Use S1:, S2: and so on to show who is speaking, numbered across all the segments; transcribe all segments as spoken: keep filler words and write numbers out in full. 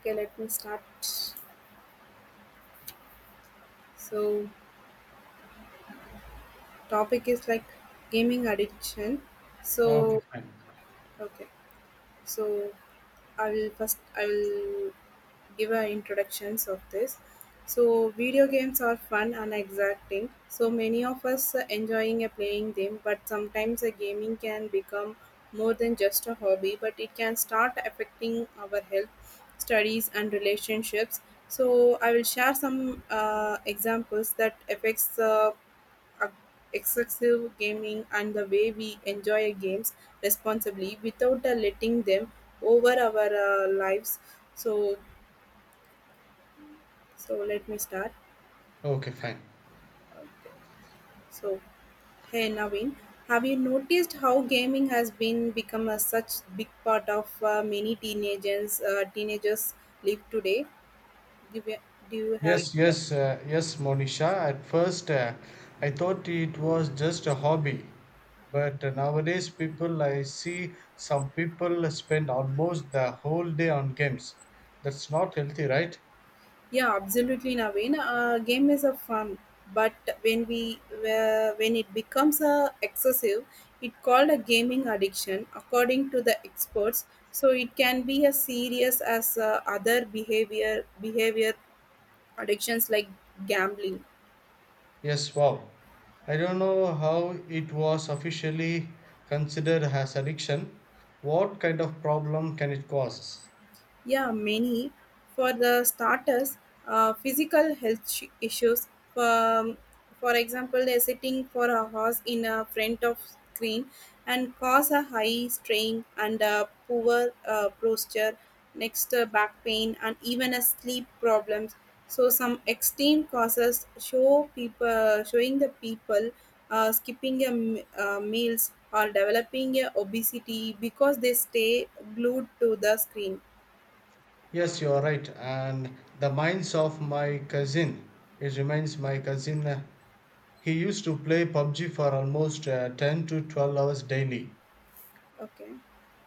S1: Okay, let me start. So, Topic is like gaming addiction.
S2: Okay,
S1: So,
S2: fine.
S1: okay. So, I will first I will give a introductions of this. So video games are fun and exacting. So many of us uh, enjoying uh, playing them, but sometimes a gaming can become more than just a hobby, but it can start affecting our health, studies, and relationships. So I will share some uh, examples that affects the uh, excessive gaming and the way we enjoy games responsibly without uh, letting them over our uh, lives. So so let me start.
S2: Okay, fine.
S1: so Hey Naveen, have you noticed how gaming has been become a such big part of uh, many teenagers uh, teenagers live today? do you, do you have
S2: Yes,
S1: any?
S2: yes, uh, yes, Monisha. At first, uh, I thought it was just a hobby, but uh, nowadays, people I see some people spend almost the whole day on games. That's not healthy, right?
S1: Yeah, absolutely, Naveen. Uh, game is a fun, but when we uh, when it becomes uh, excessive, it called a gaming addiction, according to the experts. So it can be as serious as uh, other behavior behavior addictions like gambling.
S2: Yes, wow. I don't know how it was officially considered as addiction. What kind of problem can it cause?
S1: Yeah, many. For the starters, uh, physical health sh- issues. Um, for example, they're sitting for a horse in a front of screen and cause a high strain and a poor uh, posture, next uh, back pain and even a sleep problems. So some extreme causes show people showing the people uh, skipping a m- uh, meals or developing a obesity because they stay glued to the screen.
S2: Yes, you are right. And the minds of my cousin, It reminds my cousin, uh, he used to play P U B G for almost uh, ten to twelve hours daily.
S1: Okay,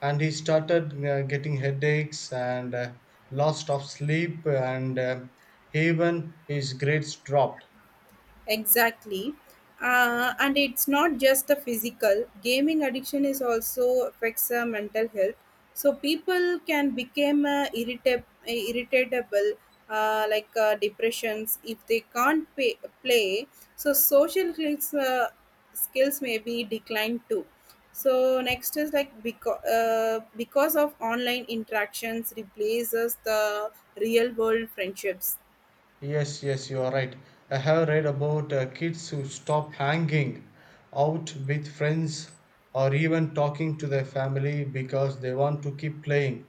S2: And he started uh, getting headaches and uh, loss of sleep, and uh, even his grades dropped.
S1: exactly. Uh, and it's not just the physical. Gaming addiction is also affects uh, mental health. So people can become uh, irritab- uh, irritable, uh, like uh, depressions, if they can't pay- play. So social skills, uh, skills may be declined too. So next is like because uh, because of online interactions replaces the real world friendships.
S2: Yes, yes, you are right. I have read about uh, kids who stop hanging out with friends or even talking to their family because they want to keep playing.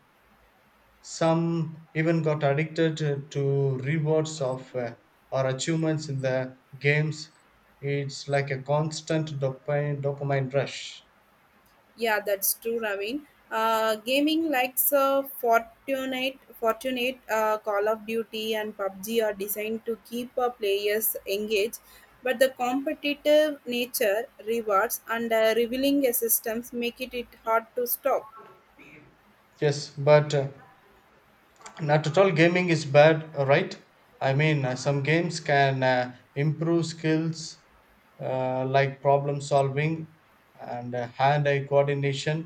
S2: Some even got addicted to rewards of uh, or achievements in the games. It's like a constant dopamine, dopamine rush.
S1: Yeah, that's true, Raveen. Uh, gaming likes uh, Fortnite, Fortnite, uh, Call of Duty, and P U B G are designed to keep uh, players engaged, but the competitive nature, rewards, and uh, revealing systems make it, it hard to stop.
S2: Yes, but uh, not at all gaming is bad, right? I mean, uh, some games can uh, improve skills uh, like problem solving and uh, hand eye coordination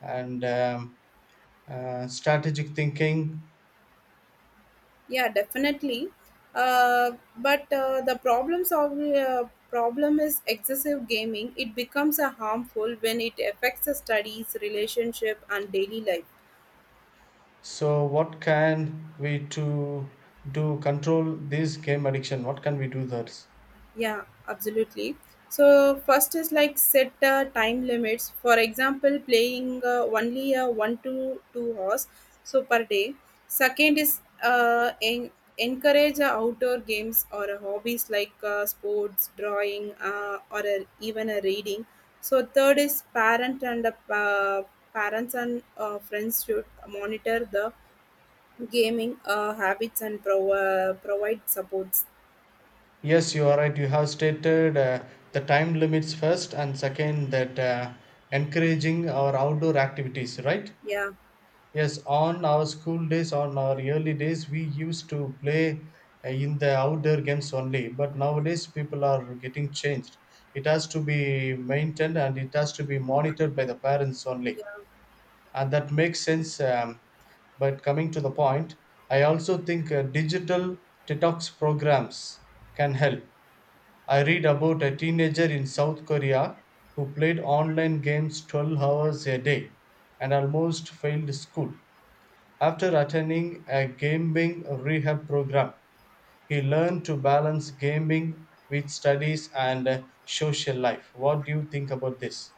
S2: and um, uh, strategic thinking.
S1: Yeah, definitely. Uh, but uh, the problems of uh, Problem is excessive gaming. It becomes a harmful when it affects the studies, relationship, and daily life.
S2: So, what can we to do control this game addiction? What can we do that?
S1: Yeah, absolutely. So first is like set uh, time limits. For example, playing uh, only uh, one to two hours so per day. Second is uh, en- encourage uh, outdoor games or uh, hobbies like uh, sports, drawing, uh, or uh, even a reading. So third is parent and uh, pa- parents and uh, friends should monitor the gaming uh, habits and pro- uh, provide supports.
S2: Yes, you are right. You have stated uh, the time limits first, and second that uh, encouraging our outdoor activities, right?
S1: Yeah.
S2: Yes, on our school days, on our early days, we used to play uh, in the outdoor games only. But nowadays, people are getting changed. It has to be maintained and it has to be monitored by the parents only. Uh, that makes sense. Um, but coming to the point, I also think uh, digital detox programs can help. I read about a teenager in South Korea who played online games twelve hours a day and almost failed school. After attending a gaming rehab program, he learned to balance gaming with studies and uh, social life. What do you think about this?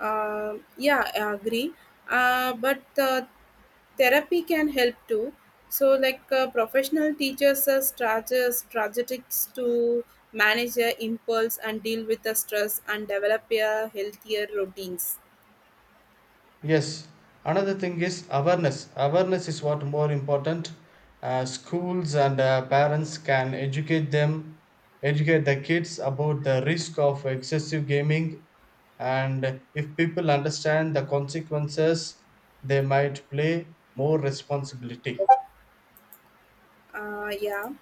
S1: Um yeah, I agree. Uh, but uh, Therapy can help too. So, like uh, professional teachers are strategies, strategies to manage their impulse and deal with the stress and develop a healthier routines.
S2: Yes, another thing is awareness. Awareness is what more important. Uh, schools and uh, parents can educate them, educate the kids about the risk of excessive gaming, and if people understand the consequences, they might play more responsibility.
S1: Uh, yeah,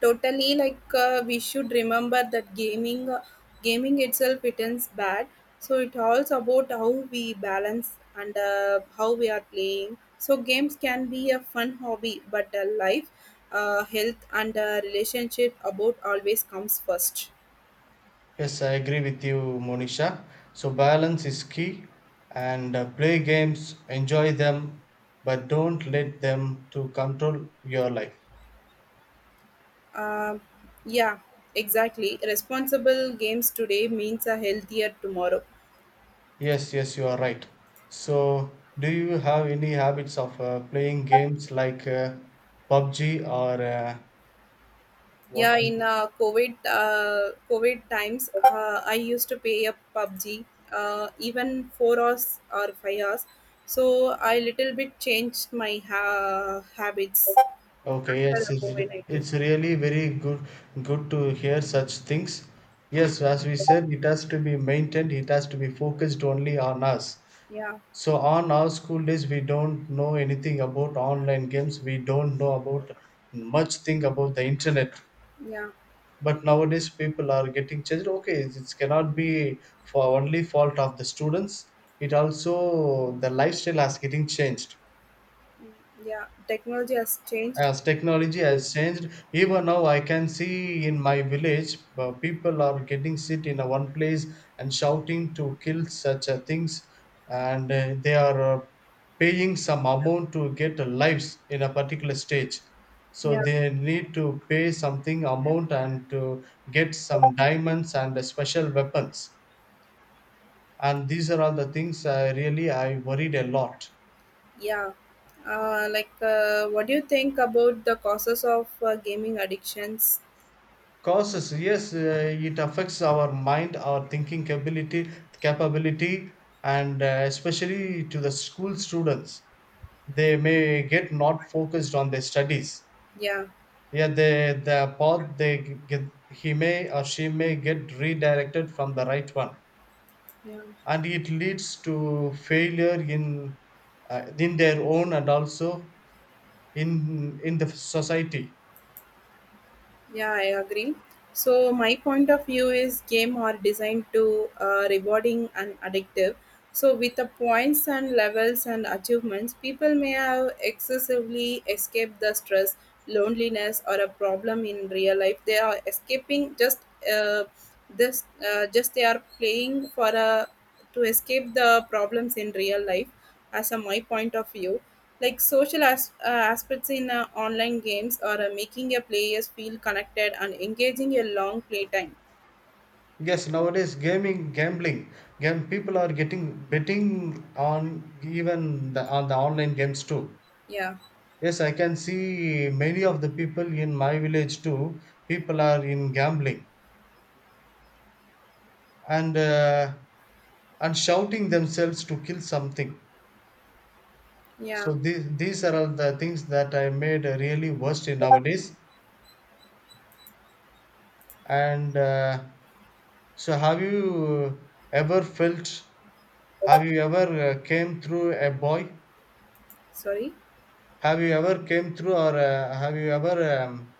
S1: totally. Like uh, we should remember that gaming uh, gaming itself isn't bad. So it also about how we balance and uh, how we are playing. So games can be a fun hobby, but uh, life uh, health and uh, relationship about always comes first.
S2: Yes, I agree with you, Monisha. So balance is key, and uh, play games, enjoy them, but don't let them to control your life.
S1: Um yeah, exactly. Responsible games today means a healthier tomorrow.
S2: Yes, yes, you are right. So, do you have any habits of uh, playing games like uh, P U B G or uh, what?
S1: Yeah, in uh, COVID uh, COVID times, uh, I used to pay a P U B G uh, even four hours or five hours. So I little bit changed my ha- habits
S2: Okay,
S1: after
S2: yes, it's,
S1: COVID
S2: re-
S1: nineteen.
S2: it's really very good good to hear such things. Yes, as we said, it has to be maintained. It has to be focused only on us.
S1: Yeah,
S2: So on our school days, we don't know anything about online games. We don't know about much thing about the internet.
S1: yeah,
S2: But nowadays people are getting changed. Okay, it cannot be for only fault of the students, it also the lifestyle has getting changed
S1: mm, yeah. Technology has changed.
S2: as technology has changed. Even now I can see in my village, uh, people are getting sit in a one place and shouting to kill such a things, and uh, they are uh, paying some amount to get a lives in a particular stage. So
S1: Yeah,
S2: they need to pay something amount and to get some diamonds and uh, special weapons, and these are all the things I really I worried a lot.
S1: yeah. Uh, like, uh, what do you think about the causes of uh, gaming addictions?
S2: Causes, yes, uh, it affects our mind, our thinking ability, capability, and uh, especially to the school students, they may get not focused on their studies.
S1: Yeah,
S2: Yeah, they the path they get, he may or she may get redirected from the right one,
S1: yeah.
S2: and it leads to failure in uh, in their own, and also in in the society.
S1: Yeah, I agree. So my point of view is game are designed to uh, rewarding and addictive. So with the points and levels and achievements, people may have excessively escaped the stress, loneliness, or a problem in real life. They are escaping just uh, this uh, just they are playing for a to escape the problems in real life as a my point of view. Like social as- uh, aspects in uh, online games are uh, making your players feel connected and engaging a long play time.
S2: Yes, nowadays gaming, gambling, game people are getting betting on even the, on the online games too.
S1: Yeah,
S2: Yes, I can see many of the people in my village too. People are in gambling and uh, and shouting themselves to kill something.
S1: yeah.
S2: So these these are all the things that I made really worst in nowadays. And uh, so, have you ever felt? Have you ever uh, came through a boy?
S1: Sorry.
S2: Have you ever came through or uh, have you ever um,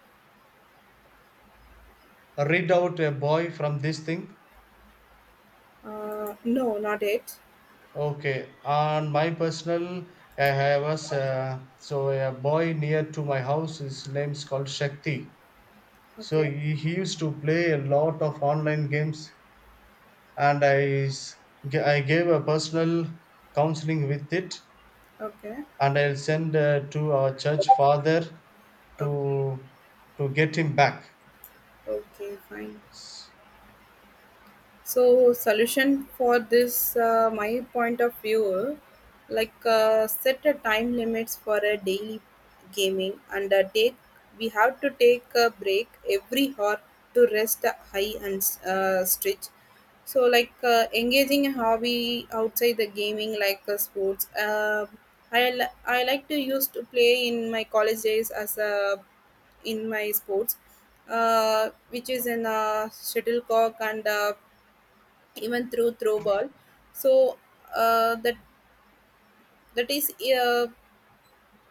S2: read out a boy from this thing?
S1: uh, No, not it.
S2: Okay, on my personal, I have was uh, so a boy near to my house. His name's called Shakti. So
S1: Okay,
S2: he, he used to play a lot of online games, and I s- g- I gave a personal counseling with it,
S1: okay.
S2: and I'll send uh, to our church father
S1: Okay,
S2: to to get him back.
S1: okay, fine. So solution for this uh, my point of view, like uh, set a time limits for a daily gaming and uh, take we have to take a break every hour to rest high and uh, stretch. So like uh, engaging a hobby outside the gaming like uh, sports. uh, I, li- I like to use to play in my college days as a in my sports, uh, which is in uh, shuttlecock and uh, even through throw ball. so uh, that that is uh,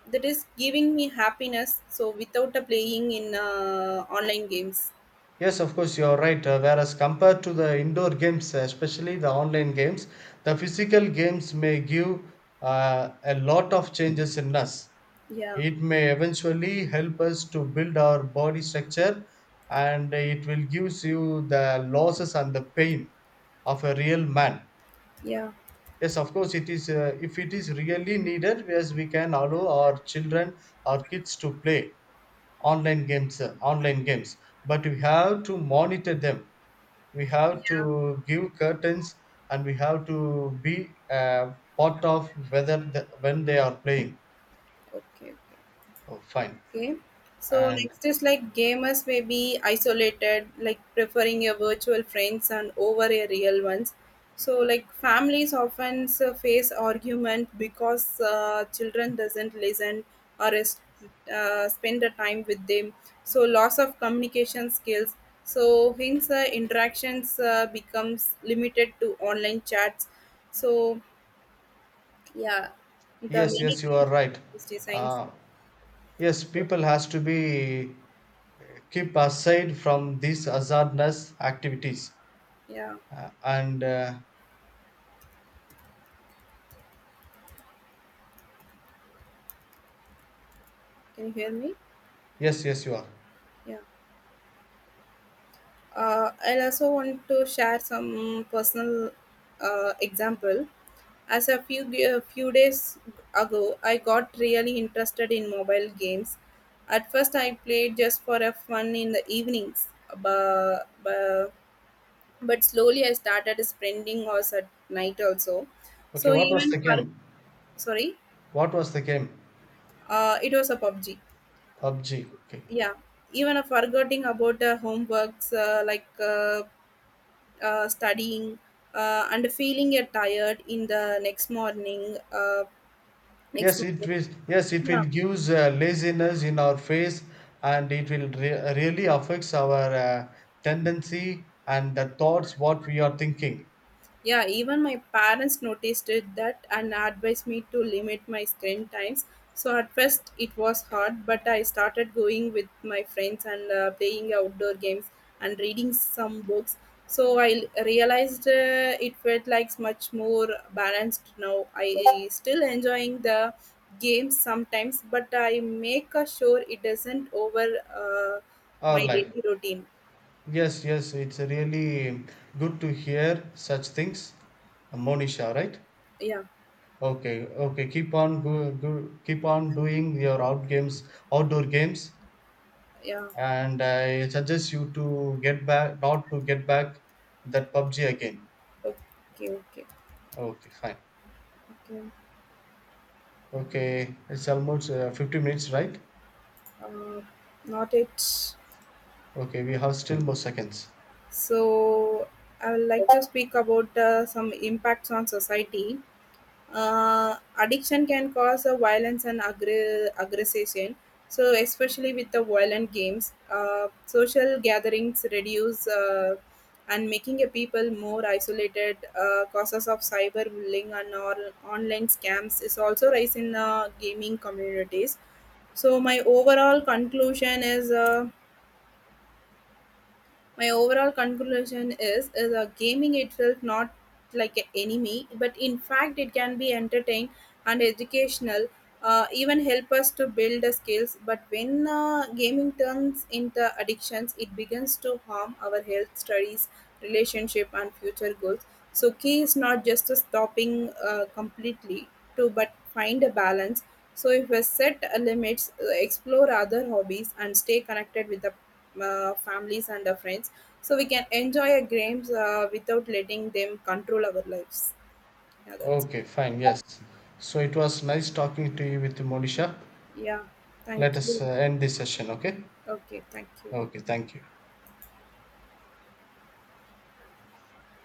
S1: that is giving me happiness so without uh, playing in uh, online games.
S2: Yes, of course, you're right. Uh, whereas compared to the indoor games, uh, especially the online games, the physical games may give uh, a lot of changes in us.
S1: Yeah,
S2: It may eventually help us to build our body structure, and it will gives you the losses and the pain of a real man.
S1: yeah,
S2: Yes, of course, it is. Uh, if it is really needed, yes, we can allow our children, our kids to play online games uh, online games, but we have to monitor them, we have
S1: yeah,
S2: to give curtains, and we have to be uh, part of whether the, when they are playing.
S1: okay.
S2: Oh, fine.
S1: Okay. So
S2: And
S1: next is like gamers may be isolated, like preferring a virtual friends and over a real ones. So like families often s- face argument because uh, children doesn't listen or is, uh, spend the time with them. So loss of communication skills. So hence uh, interactions uh, becomes limited to online chats. So yeah, the
S2: yes,
S1: many
S2: yes, you are right.
S1: games designs.
S2: uh, yes, people has to be uh, keep aside from these hazardous activities.
S1: Yeah,
S2: Uh, and uh,
S1: can you hear me?
S2: Yes, yes, you are.
S1: Yeah. uh, I'll also want to share some personal uh, example. As a few a few days ago, I got really interested in mobile games. At first, I played just for a fun in the evenings, but, but, but slowly I started spending hours at night also.
S2: Okay,
S1: So
S2: what was
S1: even
S2: the
S1: for
S2: game?
S1: sorry,
S2: What was the game?
S1: uh, it was a P U B G.
S2: PUBG. Okay.
S1: Yeah, even a forgetting about uh, homeworks uh, like. Uh, uh, studying, uh, and feeling uh, tired in the next morning. Uh, next
S2: Yes, it
S1: morning.
S2: will. Yes, it
S1: Yeah.
S2: will use uh, laziness in our face, and it will re- really affects our uh, tendency and the thoughts what we are thinking.
S1: Yeah, even my parents noticed it that and advised me to limit my screen times. So at first it was hard, but I started going with my friends and uh, playing outdoor games and reading some books. So I l- realized uh, it felt like much more balanced now. I still enjoying the games sometimes, but I make a sure it doesn't over uh,
S2: Our
S1: my
S2: life.
S1: daily routine.
S2: Yes, yes, it's really good to hear such things, Monisha. Right?
S1: Yeah,
S2: Okay, okay. Keep on go, go, keep on doing your out games, outdoor games,
S1: yeah.
S2: and I suggest you to get back, not to get back that P U B G again.
S1: Okay, okay,
S2: Okay, fine.
S1: okay.
S2: Okay, it's almost uh, fifty minutes, right?
S1: uh, Not it.
S2: Okay, we have still more seconds.
S1: So I would like to speak about uh, some impacts on society. Uh, addiction can cause uh, violence and aggr- aggression. So especially with the violent games, uh, social gatherings reduce uh, and making a people more isolated. Uh, causes of cyberbullying and all online scams is also rise in uh, gaming communities. So my overall conclusion is. Uh, My overall conclusion is, is a gaming itself not like an enemy, but in fact it can be entertained and educational, uh, even help us to build the skills. But when uh, gaming turns into addictions, it begins to harm our health, studies, relationship, and future goals. So key is not just to stopping uh, completely, to but find a balance. So if we set uh, limits, uh, explore other hobbies, and stay connected with the uh, families and the friends, so we can enjoy our games uh, without letting them control our lives. Yeah, that's
S2: Okay, fine, yes. So it was nice talking to you with Monisha.
S1: yeah. Thank
S2: Let us
S1: you.
S2: uh, end this session, okay?
S1: Okay, thank you.
S2: Okay, thank you.